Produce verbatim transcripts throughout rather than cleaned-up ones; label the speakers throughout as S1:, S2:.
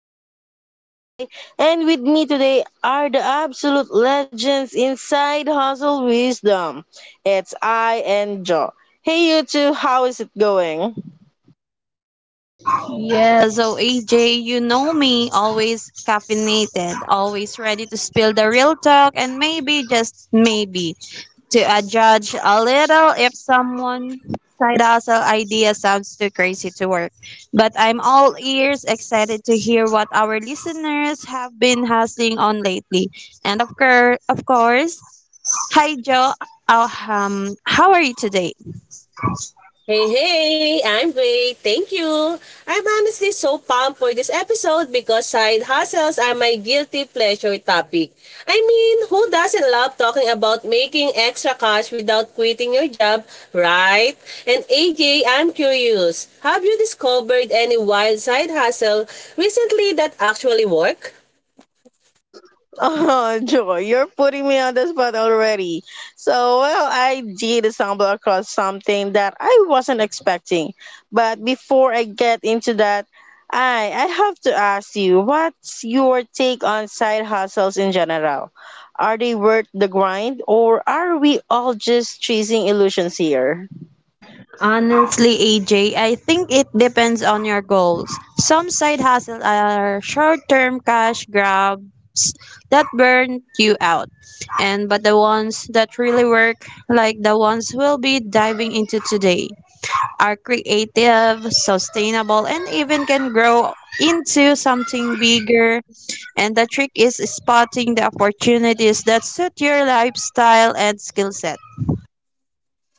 S1: I'm your host A J, and with me today are the absolute legends inside Hustle Wisdom. It's I and Joe. Hey you two, how is it going?
S2: Yeah, so A J, you know me, always caffeinated, always ready to spill the real talk and maybe, just maybe, to adjudge a little if someone side hustle idea sounds too crazy to work. But I'm all ears, excited to hear what our listeners have been hustling on lately. And of, course, of course, hi Joe, uh, um, how are you today?
S3: Hey, hey, I'm great. Thank you. I'm honestly so pumped for this episode because side hustles are my guilty pleasure topic. I mean, who doesn't love talking about making extra cash without quitting your job, right? And A J, I'm curious. Have you discovered any wild side hustle recently that actually work?
S1: Oh, Joy, you're putting me on the spot already. So, well, I did stumble across something that I wasn't expecting. But before I get into that, I I have to ask you, what's your take on side hustles in general? Are they worth the grind, or are we all just chasing illusions here?
S2: Honestly, A J, I think it depends on your goals. Some side hustles are short-term cash grabs that burn you out. And but the ones that really work, like the ones we'll be diving into today, are creative, sustainable, and even can grow into something bigger. And the trick is spotting the opportunities that suit your lifestyle and skill set.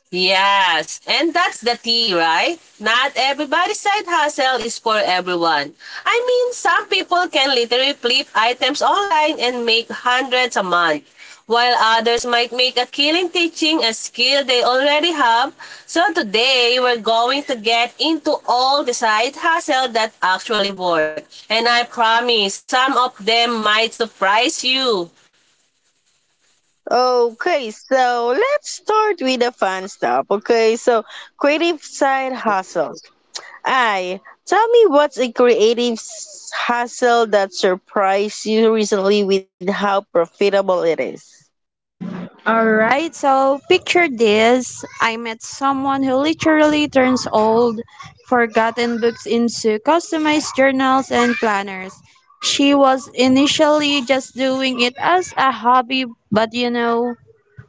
S3: Yes, and that's the key, right? Not everybody's side hustle is for everyone. I mean, some people can literally flip items online and make hundreds a month, while others might make a killing teaching a skill they already have. So today, we're going to get into all the side hustle that actually work. And I promise, some of them might surprise you.
S1: Okay, so let's start with the fun stuff. Okay, so creative side hustles. I Tell me, what's a creative s- hustle that surprised you recently with how profitable it is?
S2: All right, so picture this. I met someone who literally turns old, forgotten books into customized journals and planners. She was initially just doing it as a hobby, but you know,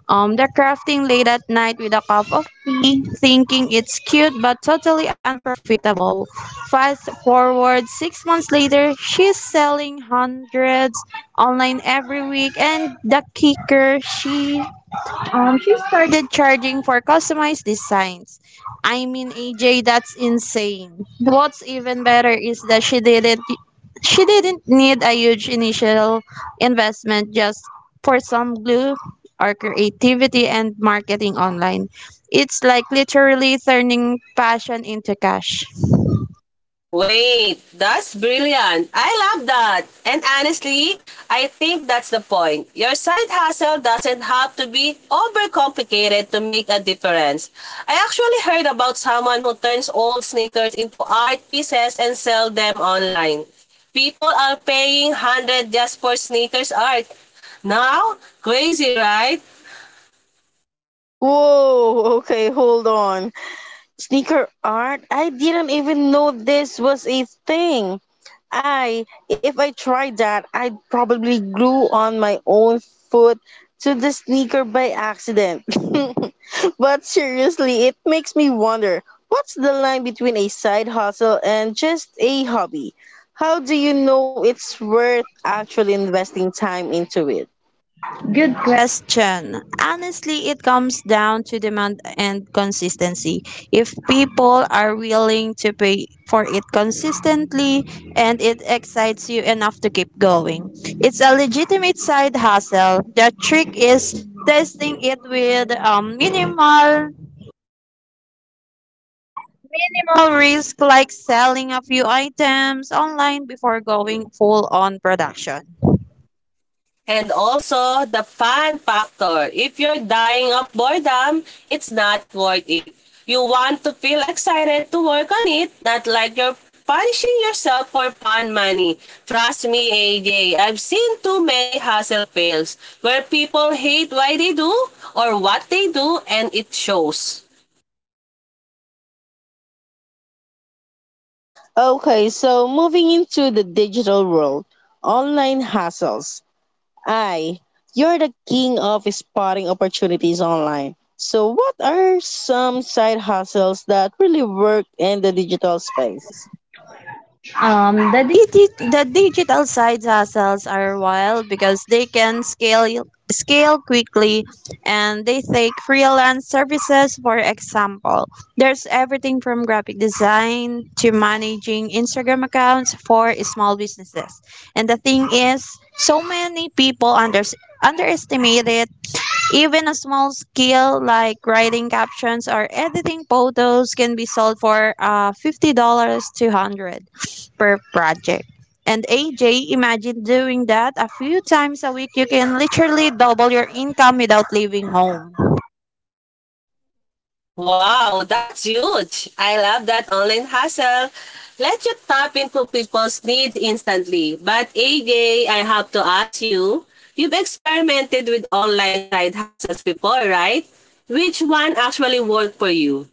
S2: um, the crafting late at night with a cup of tea, thinking it's cute but totally unprofitable. Fast forward six months later, she's selling hundreds online every week, and the kicker, she um, she started charging for customized designs. I mean, A J, that's insane. What's even better is that she didn't she didn't need a huge initial investment just for some glue or creativity and marketing online. It's like literally turning passion into cash.
S3: Wait, that's brilliant. I love that. And honestly, I think that's the point. Your side hustle doesn't have to be overcomplicated to make a difference. I actually heard about someone who turns old sneakers into art pieces and sell them online. People are paying one hundred just for sneakers art. Now, crazy, right?
S1: Whoa, okay, hold on. Sneaker art? I didn't even know this was a thing. I, if I tried that, I'd probably glue on my own foot to the sneaker by accident. But seriously, it makes me wonder, what's the line between a side hustle and just a hobby? How do you know it's worth actually investing time into it?
S2: Good question. Honestly, it comes down to demand and consistency. If people are willing to pay for it consistently and it excites you enough to keep going, it's a legitimate side hustle. The trick is testing it with um, minimal, minimal risk, like selling a few items online before going full on production.
S3: And also, the fun factor. If you're dying of boredom, it's not worth it. You want to feel excited to work on it, not like you're punishing yourself for fun money. Trust me, A J, I've seen too many hustle fails where people hate why they do or what they do, and it shows.
S1: Okay, so moving into the digital world, online hustles. I, you're the king of spotting opportunities online. So, what are some side hustles that really work in the digital space?
S2: Um, the, digi- the digital side hustles are wild because they can scale scale quickly, and they take freelance services, for example. There's everything from graphic design to managing Instagram accounts for small businesses, and the thing is, so many people under- underestimate it. Even a small skill like writing captions or editing photos can be sold for uh, fifty dollars to one hundred per project. And A J, imagine doing that a few times a week. You can literally double your income without leaving home.
S3: Wow, that's huge. I love that online hustle. Let you tap into people's needs instantly. But A J, I have to ask you, you've experimented with online side hustles before, right? Which one actually worked for you?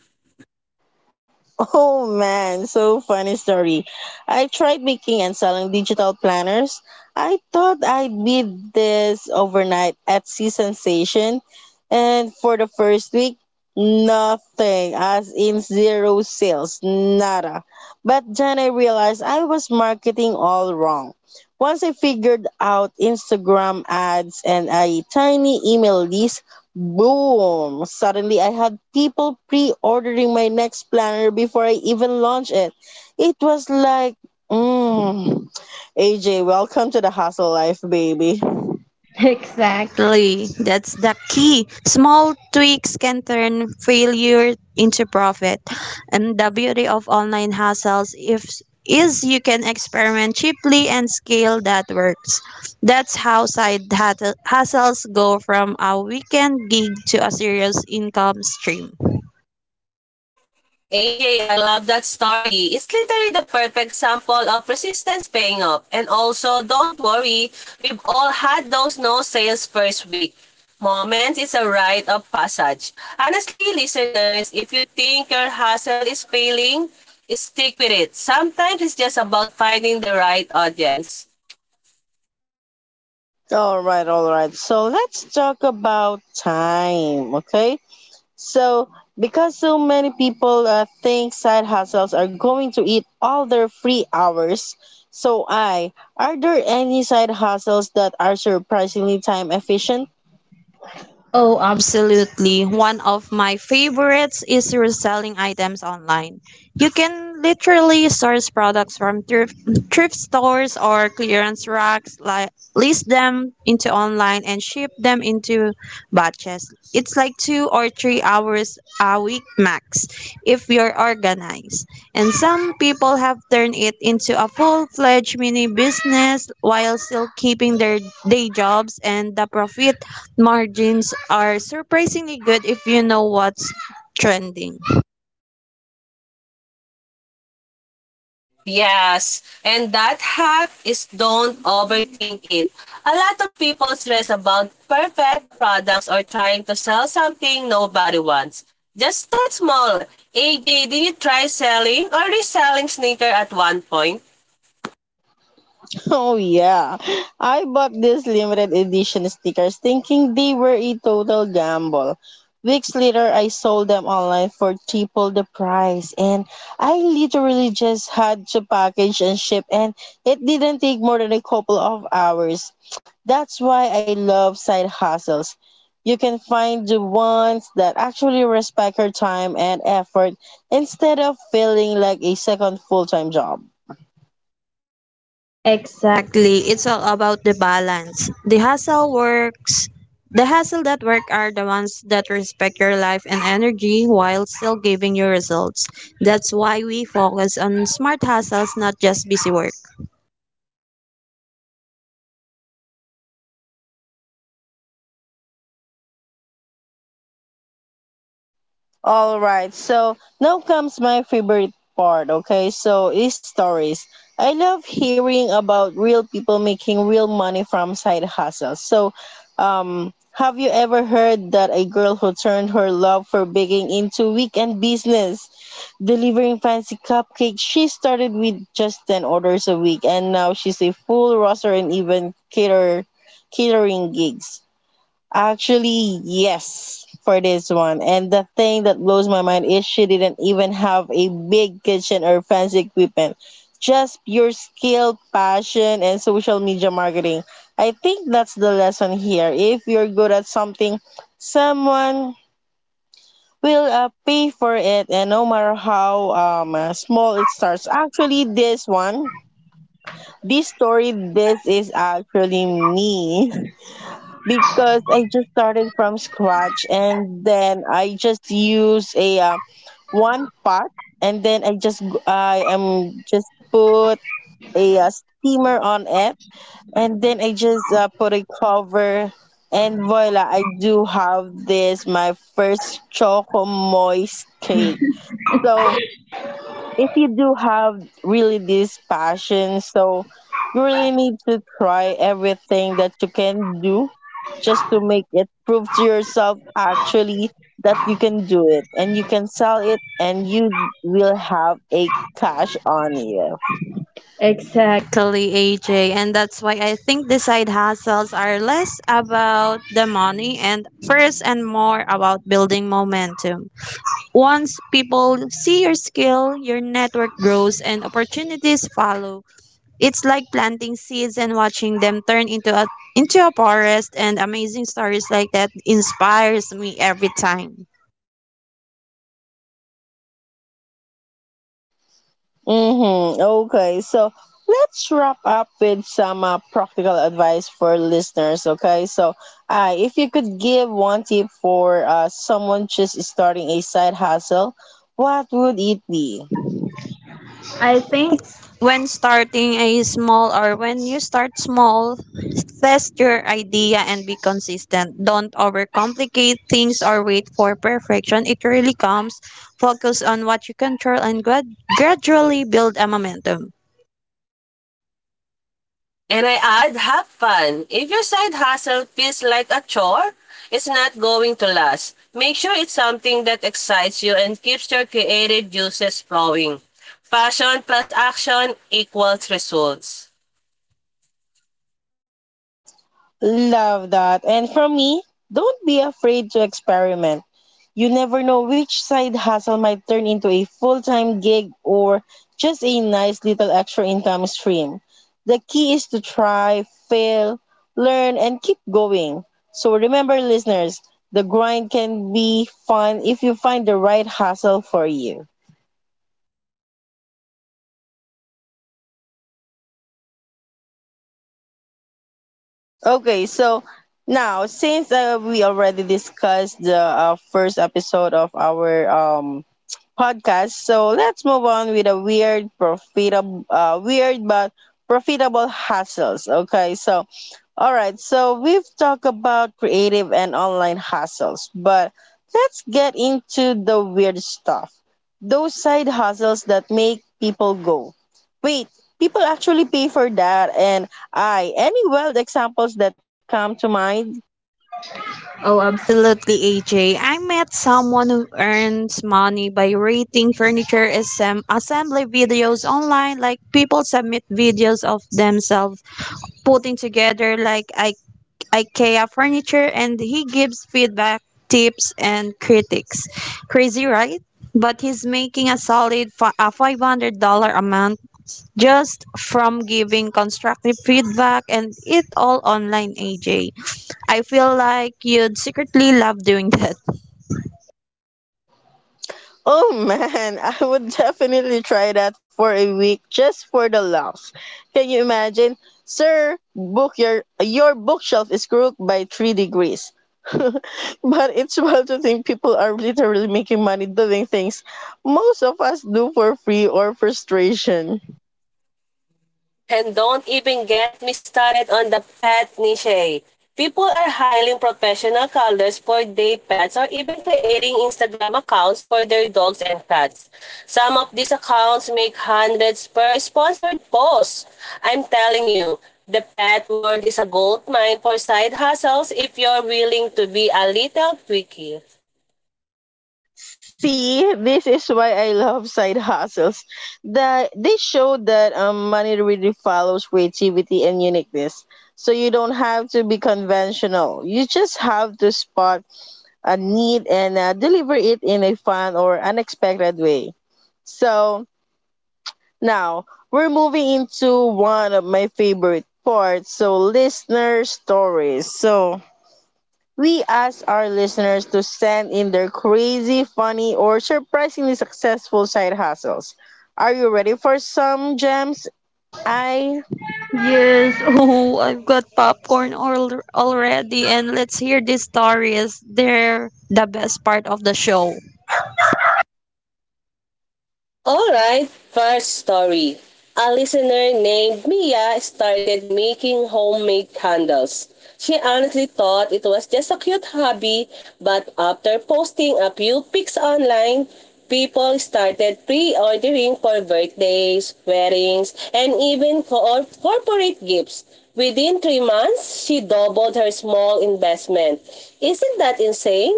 S1: Oh man, so funny story. I tried making and selling digital planners. I thought I'd be this overnight Etsy sensation. And for the first week, nothing, as in zero sales, nada. But then I realized I was marketing all wrong. Once I figured out Instagram ads and a tiny email list, boom! Suddenly, I had people pre ordering my next planner before I even launched it. It was like, mm, A J, welcome to the hustle life, baby.
S2: Exactly. That's the key. Small tweaks can turn failure into profit. And the beauty of online hustles, if, is you can experiment cheaply and scale that works. That's how side hustle- hustles go from a weekend gig to a serious income stream.
S3: A J, I love that story. It's literally the perfect sample of persistence paying off. And also, don't worry, we've all had those no sales first week. Moments. It's a rite of passage. Honestly, listeners, if you think your hustle is failing, stick with it. Sometimes it's just about finding the right audience.
S1: All right, all right. So let's talk about time, okay? So, because so many people uh, think side hustles are going to eat all their free hours, so I, are there any side hustles that are surprisingly time efficient?
S2: Oh, absolutely. One of my favorites is reselling items online. You can literally source products from thrift, thrift stores or clearance racks, like list them into online and ship them into batches. It's like two or three hours a week max if you're organized. And some people have turned it into a full-fledged mini business while still keeping their day jobs, and the profit margins are surprisingly good if you know what's trending.
S3: Yes, and that hack is don't overthink it. A lot of people stress about perfect products or trying to sell something nobody wants. Just start small. A J, did you try selling or reselling sneaker at one point?
S1: Oh yeah. I bought these limited edition stickers thinking they were a total gamble. Weeks later, I sold them online for triple the price, and I literally just had to package and ship, and it didn't take more than a couple of hours. That's why I love side hustles. You can find the ones that actually respect your time and effort instead of feeling like a second full time job.
S2: Exactly. Exactly. It's all about the balance. The hustle works. The hustle that work are the ones that respect your life and energy while still giving you results. That's why we focus on smart hustles, not just busy work.
S1: All right, so now comes my favorite part, okay? So, is stories. I love hearing about real people making real money from side hustles. So, um, have you ever heard that a girl who turned her love for baking into weekend business, delivering fancy cupcakes? She started with just ten orders a week and now she's a full roster and even cater catering gigs. Actually, yes, for this one. And the thing that blows my mind is she didn't even have a big kitchen or fancy equipment. Just pure skill, passion, and social media marketing. I think that's the lesson here. If you're good at something, someone will uh, pay for it, and no matter how um, uh, small it starts. Actually, this one, this story, this is actually me. Because I just started from scratch and then I just use a uh, one pot and then I just g- I am just put a uh, steamer on it and then I just uh, put a cover and voila, I do have this my first choco moist cake. So if you do have really this passion, so you really need to try everything that you can do just to make it prove to yourself actually that you can do it and you can sell it and you will have a cash on you.
S2: Exact. Exactly, A J. And that's why I think the side hustles are less about the money and first and more about building momentum. Once people see your skill, your network grows and opportunities follow. It's like planting seeds and watching them turn into a into a forest, and amazing stories like that inspires me every time.
S1: Mm-hmm. Okay, so let's wrap up with some uh, practical advice for listeners. Okay, so uh, if you could give one tip for uh, someone just starting a side hustle, what would it be?
S2: I think When starting a small or when you start small, test your idea and be consistent. Don't overcomplicate things or wait for perfection. It really comes. Focus on what you control and grad- gradually build a momentum.
S3: And I add, have fun. If your side hustle feels like a chore, it's not going to last. Make sure it's something that excites you and keeps your creative juices flowing. Passion plus action equals results.
S1: Love that. And from me, don't be afraid to experiment. You never know which side hustle might turn into a full time gig or just a nice little extra income stream. The key is to try, fail, learn, and keep going. So remember, listeners, the grind can be fun if you find the right hustle for you. Okay, so now since uh, we already discussed the uh, first episode of our um podcast. So let's move on with a weird profitable uh, weird but profitable hustles. Okay, so all right, so we've talked about creative and online hustles, but let's get into the weird stuff. Those side hustles that make people go. Wait, people actually pay for that? And I Any wild examples that come to mind?
S2: Oh, absolutely, A J. I met someone who earns money by rating furniture assem- assembly videos online. Like, people submit videos of themselves putting together like I- IKEA furniture, and he gives feedback, tips, and critics. Crazy, right? But he's making a solid fi- a five hundred dollars month just from giving constructive feedback and it all online, A J. I feel like you'd secretly love doing that.
S1: Oh man, I would definitely try that for a week just for the laughs. Can you imagine? Sir, book your your bookshelf is crooked by three degrees. But it's wild to think people are literally making money doing things most of us do for free or frustration.
S3: And don't even get me started on the pet niche. People are hiring professional cuddlers for their pets or even creating Instagram accounts for their dogs and cats. Some of these accounts make hundreds per sponsored post. I'm telling you, the pet world is a goldmine for side hustles if you're willing to be a little tricky.
S1: See, this is why I love side hustles. That they show that um, money really follows creativity and uniqueness. So you don't have to be conventional. You just have to spot a need and uh, deliver it in a fun or unexpected way. So now we're moving into one of my favorite parts. So listener stories. So we ask our listeners to send in their crazy, funny, or surprisingly successful side hustles. Are you ready for some gems? I
S2: Yes, oh, I've got popcorn all, already, and let's hear these stories. They're the best part of the show.
S3: Alright, first story. A listener named Mia started making homemade candles. She honestly thought it was just a cute hobby, but after posting a few pics online, people started pre-ordering for birthdays, weddings, and even for corporate gifts. Within three months, she doubled her small investment. Isn't that insane?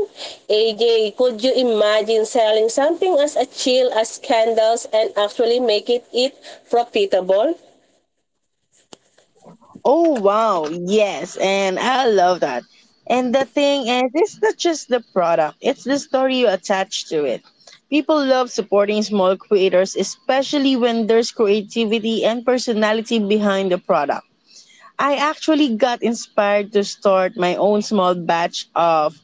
S3: A J, could you imagine selling something as a chill as candles and actually make it, it profitable?
S1: Oh wow, yes, and I love that. And the thing is, it's not just the product, it's the story you attach to it. People love supporting small creators, especially when there's creativity and personality behind the product. I actually got inspired to start my own small batch of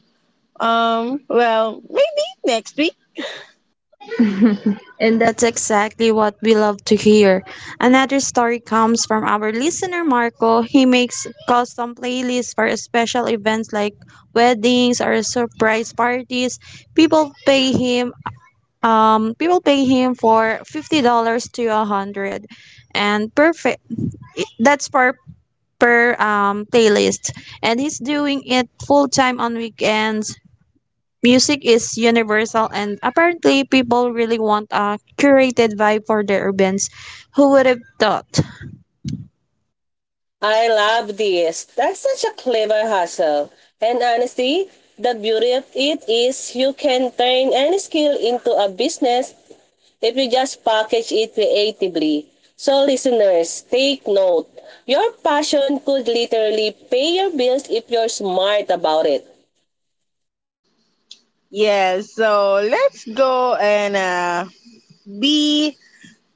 S1: Um, well, maybe next week.
S2: And that's exactly what we love to hear. Another story comes from our listener, Marco. He makes custom playlists for special events like weddings or surprise parties. People pay him um people pay him for fifty dollars to a hundred and perfect, that's per per um playlist, and he's doing it full time on weekends. Music is universal, and apparently people really want a curated vibe for their events. Who would have thought?
S3: I love this. That's such a clever hustle. And honestly, the beauty of it is you can turn any skill into a business if you just package it creatively. So listeners, take note. Your passion could literally pay your bills if you're smart about it.
S1: Yeah, so let's go and uh, be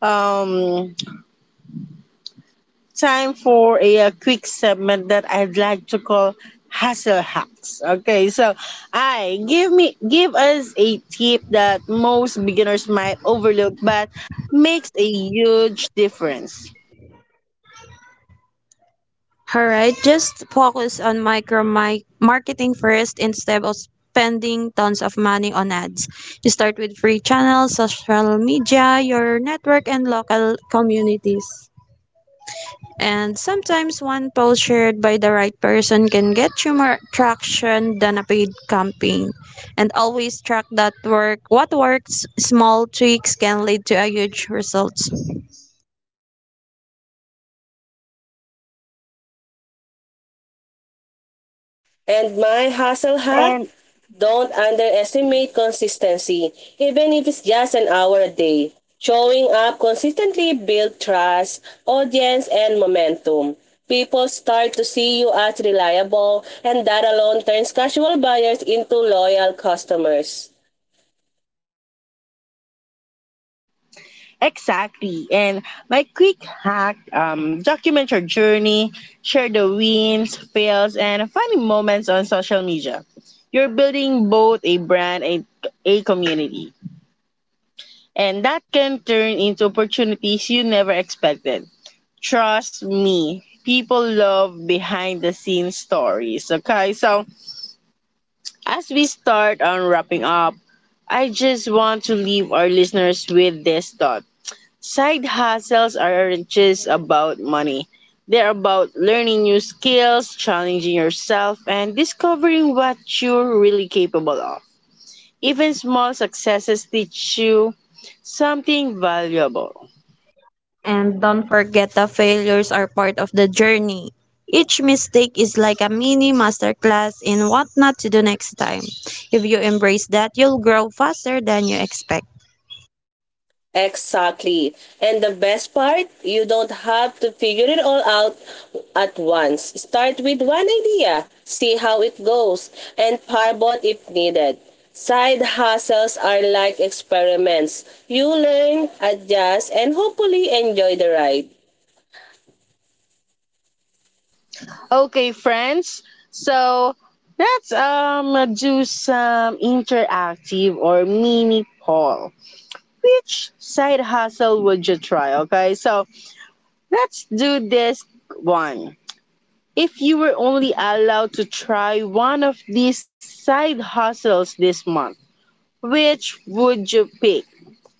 S1: um, time for a uh, quick segment that I'd like to call hustle hacks. Okay, so I give me Give us a tip that most beginners might overlook but makes a huge difference.
S2: All right, just focus on micro mi- marketing first instead of spending tons of money on ads. You start with free channels, social media, your network, and local communities. And sometimes one post shared by the right person can get you more traction than a paid campaign. And always track that work. What works, small tweaks can lead to a huge result.
S3: And my hustle hack,
S1: And.
S3: don't underestimate consistency, even if it's just an hour a day. Showing up consistently builds trust, audience, and momentum. People start to see you as reliable, and that alone turns casual buyers into loyal customers.
S1: Exactly. And my quick hack, um, document your journey, share the wins, fails, and funny moments on social media. You're building both a brand and a community. And that can turn into opportunities you never expected. Trust me, people love behind the scenes stories. Okay, so as we start on wrapping up, I just want to leave our listeners with this thought. Side hustles aren't just about money. They're about learning new skills, challenging yourself, and discovering what you're really capable of. Even small successes teach you something valuable.
S2: And don't forget, the failures are part of the journey. Each mistake is like a mini masterclass in what not to do next time. If you embrace that, you'll grow faster than you expect.
S3: Exactly. And the best part, you don't have to figure it all out at once. Start with one idea, see how it goes, and pivot if needed. Side hustles are like experiments. You learn, adjust, and hopefully enjoy the ride.
S1: Okay, friends. So let's um do some interactive or mini poll. Which side hustle would you try? Okay, so let's do this one. If you were only allowed to try one of these side hustles this month, which would you pick?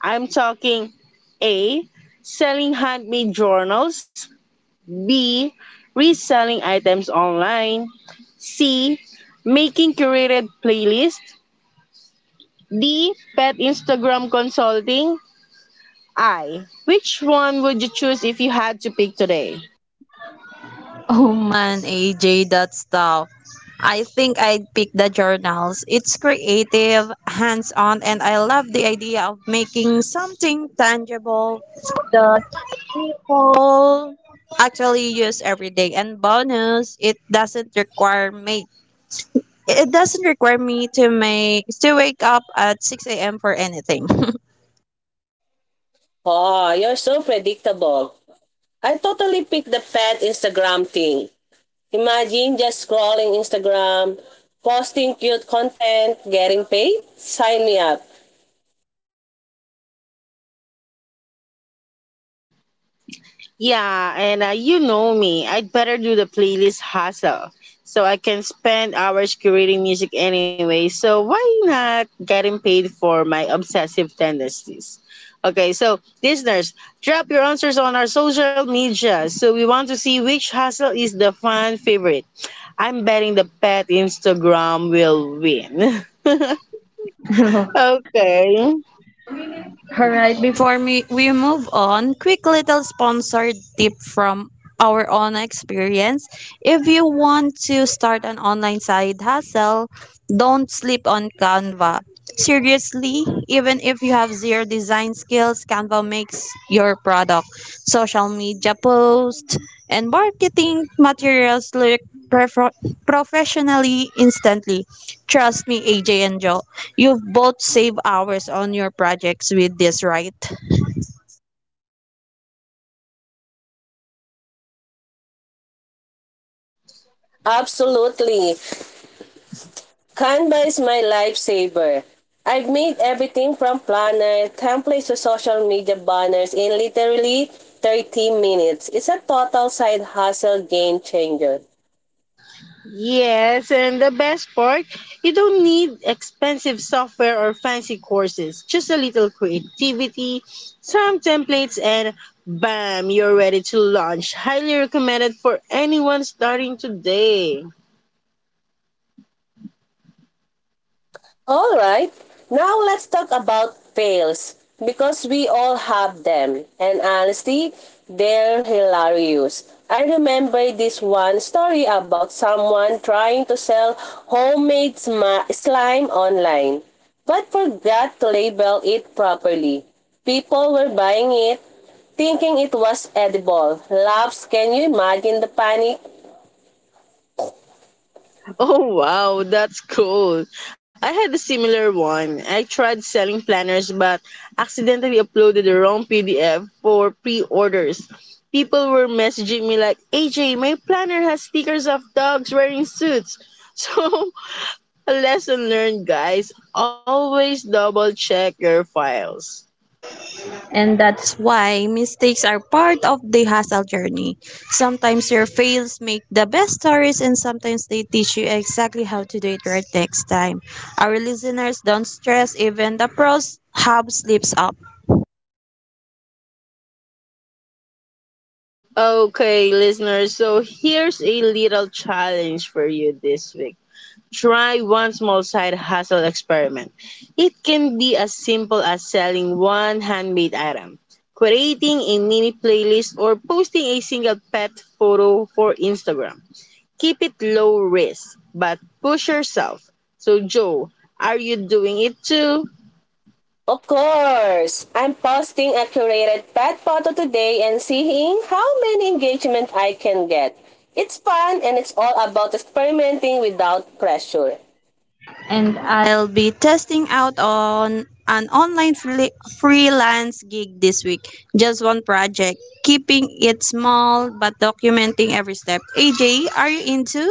S1: I'm talking A. Selling handmade journals, B. Reselling items online, C. Making curated playlists, D. Pet Instagram consulting, I. Which one would you choose if you had to pick today?
S2: Oh man, A J, that stuff. I think I'd pick the journals. It's creative, hands on, and I love the idea of making something tangible that people actually use every day. And bonus, it doesn't require makeup. It doesn't require me to make to wake up at six a m for anything.
S3: Oh, you're so predictable. I totally picked the pet Instagram thing. Imagine just scrolling Instagram, posting cute content, getting paid? Sign me up.
S1: Yeah, and uh, you know me, I'd better do the playlist hustle so I can spend hours curating music anyway. So why not getting paid for my obsessive tendencies? Okay, so listeners, drop your answers on our social media. So we want to see which hustle is the fan favorite. I'm betting the pet Instagram will win. Okay.
S2: All right, before me, we move on, quick little sponsored tip from our own experience. If you want to start an online side hustle, don't sleep on Canva. Seriously, even if you have zero design skills, Canva makes your product, social media posts, and marketing materials look prefer- professionally instantly. Trust me, A J and Joe. You've both saved hours on your projects with this, right?
S3: Absolutely. Canva is my lifesaver. I've made everything from planner, templates to social media banners in literally thirty minutes. It's a total side hustle game changer.
S1: Yes, and the best part, you don't need expensive software or fancy courses. Just a little creativity, some templates, and bam, you're ready to launch. Highly recommended for anyone starting today.
S3: All right. Now let's talk about fails because we all have them. And honestly, they're hilarious. I remember this one story about someone trying to sell homemade slime online, but forgot to label it properly. People were buying it, thinking it was edible. Laughs, can you imagine the panic?
S1: Oh wow, that's cool. I had a similar one. I tried selling planners but accidentally uploaded the wrong P D F for pre-orders. People were messaging me like, "A J, my planner has stickers of dogs wearing suits." So, a lesson learned, guys, always double check your files.
S2: And that's why mistakes are part of the hustle journey. Sometimes your fails make the best stories, and sometimes they teach you exactly how to do it right next time. Our listeners, don't stress, even the pros have slips up.
S1: Okay, listeners, so here's a little challenge for you this week. Try one small side hustle experiment. It can be as simple as selling one handmade item, creating a mini playlist, or posting a single pet photo for Instagram. Keep it low risk, but push yourself. So, Joe, are you doing it too?
S3: Of course! I'm posting a curated pet photo today and seeing how many engagement I can get. It's fun and it's all about experimenting without pressure.
S2: And I'll be testing out on an online free- freelance gig this week. Just one project, keeping it small but documenting every step. A J, are you into?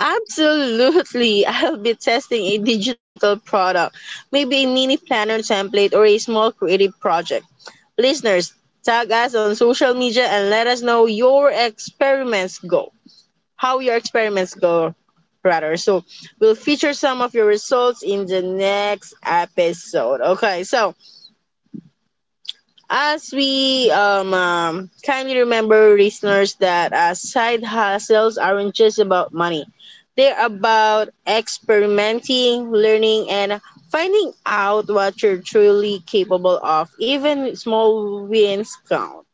S1: Absolutely. I'll be testing a digital product, maybe a mini planner template or a small creative project. Listeners, tag us on social media and let us know your experiments go. How your experiments go, rather. So, we'll feature some of your results in the next episode. Okay, so as we um, um, kindly remember, listeners, that uh, side hustles aren't just about money. They're about experimenting, learning, and finding out what you're truly capable of. Even small wins count.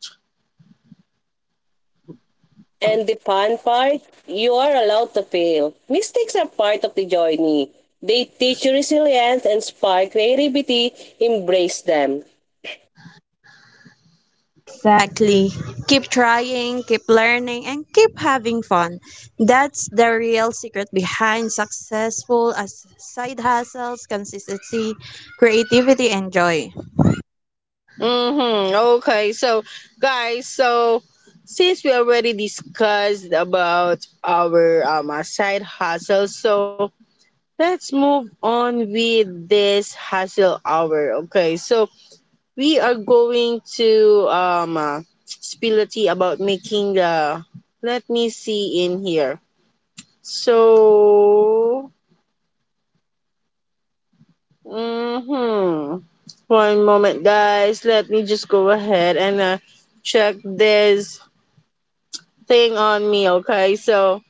S3: And the fun part, you are allowed to fail. Mistakes are part of the journey. They teach you resilience and spark creativity. Embrace them.
S2: Exactly. Keep trying, keep learning, and keep having fun. That's the real secret behind successful as side hustles, consistency, creativity, and joy.
S1: Mm-hmm. Okay, so guys, so since we already discussed about our um, uh, side hustles, so let's move on with this hassle hour. Okay, so we are going to um uh, spill the tea about making the. Let me see in here. So, mm-hmm, one moment, guys. Let me just go ahead and uh, check this thing on me. Okay, so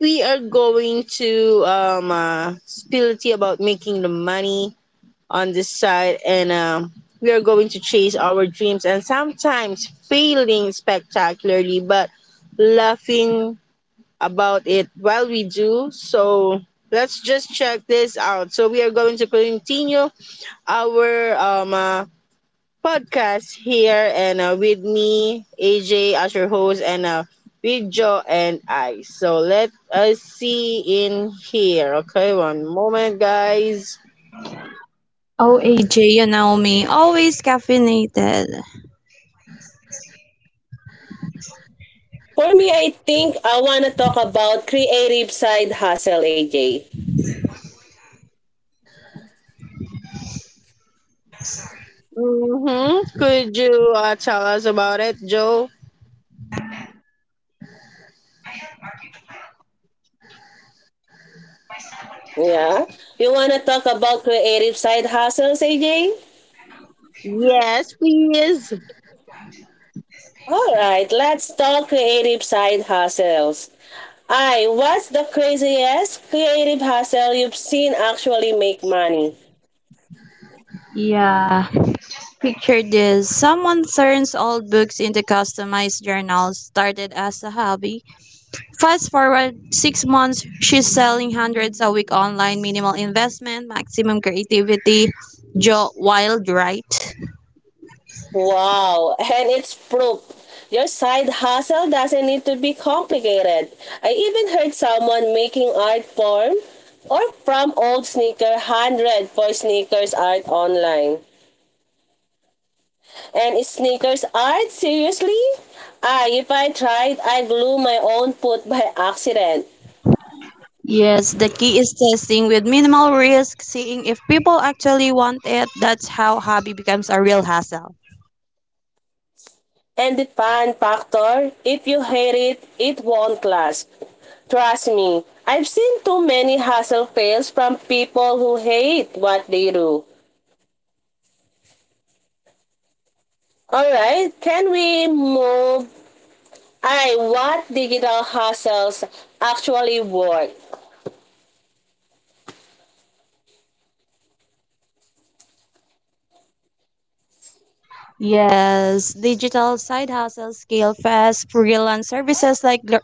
S1: we are going to um uh, spill the tea about making the money on this side and um, we are going to chase our dreams and sometimes failing spectacularly but laughing about it while we do. So let's just check this out. So we are going to continue our um, uh, podcast here and uh, with me AJ as your host and uh, with Joe and I. So let us see in here. Okay, one moment, guys.
S2: Oh, A J, you know me, always caffeinated.
S3: For me, I think I wanna talk about creative side hustle, A J.
S1: Hmm. Could you uh, tell us about it, Joe?
S3: Yeah? You wanna talk about creative side hustles, A J?
S1: Yes, please.
S3: All right, let's talk creative side hustles. I, what's the craziest creative hustle you've seen actually make money?
S2: Yeah. Picture this, someone turns old books into customized journals, started as a hobby. Fast forward six months, she's selling hundreds a week online, minimal investment, maximum creativity. Joe, wild, right?
S3: Wow, and it's proof. Your side hustle doesn't need to be complicated. I even heard someone making art form or from old sneaker one hundred for sneakers art online. And is sneakers art, seriously? Ah, if I tried, I glue my own foot by accident.
S2: Yes, the key is testing with minimal risk, seeing if people actually want it. That's how hobby becomes a real hassle.
S3: And the fun factor, if you hate it, it won't last. Trust me, I've seen too many hustle fails from people who hate what they do. Alright, can we move? I what digital hustles actually work?
S2: Yes, digital side hustles scale fast. Freelance services like gra-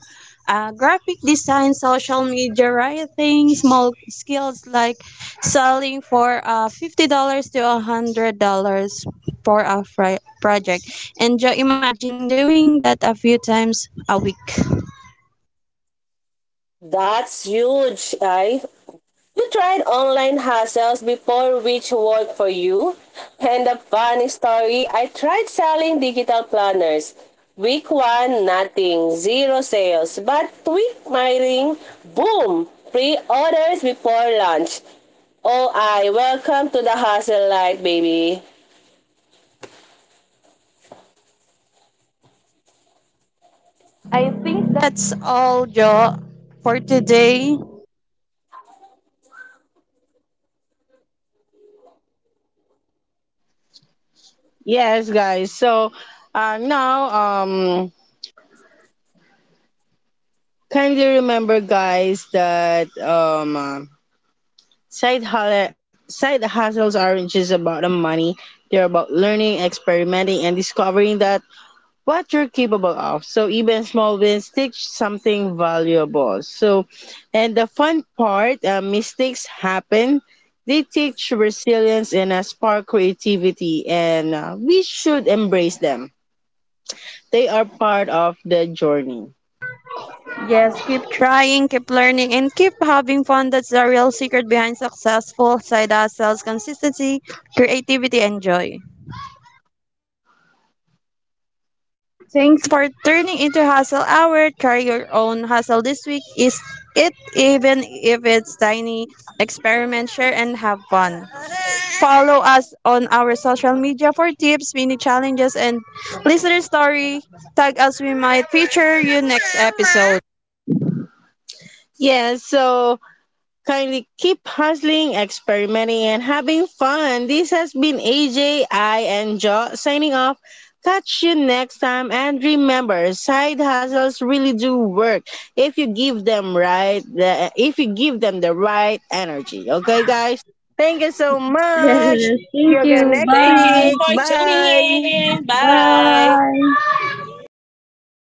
S2: uh, graphic design, social media writing, small skills like selling for uh, fifty dollars to a hundred dollars for a fri- project. And Joe, imagine doing that a few times a week.
S3: That's huge, I. You tried online hustles before, which worked for you? And a funny story, I tried selling digital planners. Week one, nothing, zero sales. But week my ring, boom! Pre-orders before lunch. Oh, I welcome to the hustle light, baby.
S2: I think that's all, Joe, for today.
S1: Yes, guys. So uh, now, um, kindly remember, guys, that um, uh, side hu- side hustles aren't just about the money. They're about learning, experimenting, and discovering the what you're capable of. So even small wins teach something valuable. So, and the fun part, uh, mistakes happen. They teach resilience and uh, spark creativity, and uh, we should embrace them. They are part of the journey.
S2: Yes, keep trying, keep learning, and keep having fun. That's the real secret behind successful side hustles, consistency, creativity, and joy. Thanks for turning into Hustle Hour. Try your own hustle this week. Is it, even if it's tiny? Experiment, share, and have fun. Follow us on our social media for tips, mini challenges, and listener story. Tag us, we might feature you next episode.
S1: Yeah, so kindly keep hustling, experimenting, and having fun. This has been A J, I, and Jo signing off. Catch you next time. And remember, side hustles really do work if you give them right, the, if you give them the right energy. Okay, guys? Thank you so much. See
S2: Yes, thank
S1: you again
S2: you.
S1: next
S3: Thank you
S1: week.
S3: for
S2: Bye.
S3: tuning
S1: Bye.
S3: in. Bye.
S2: Bye.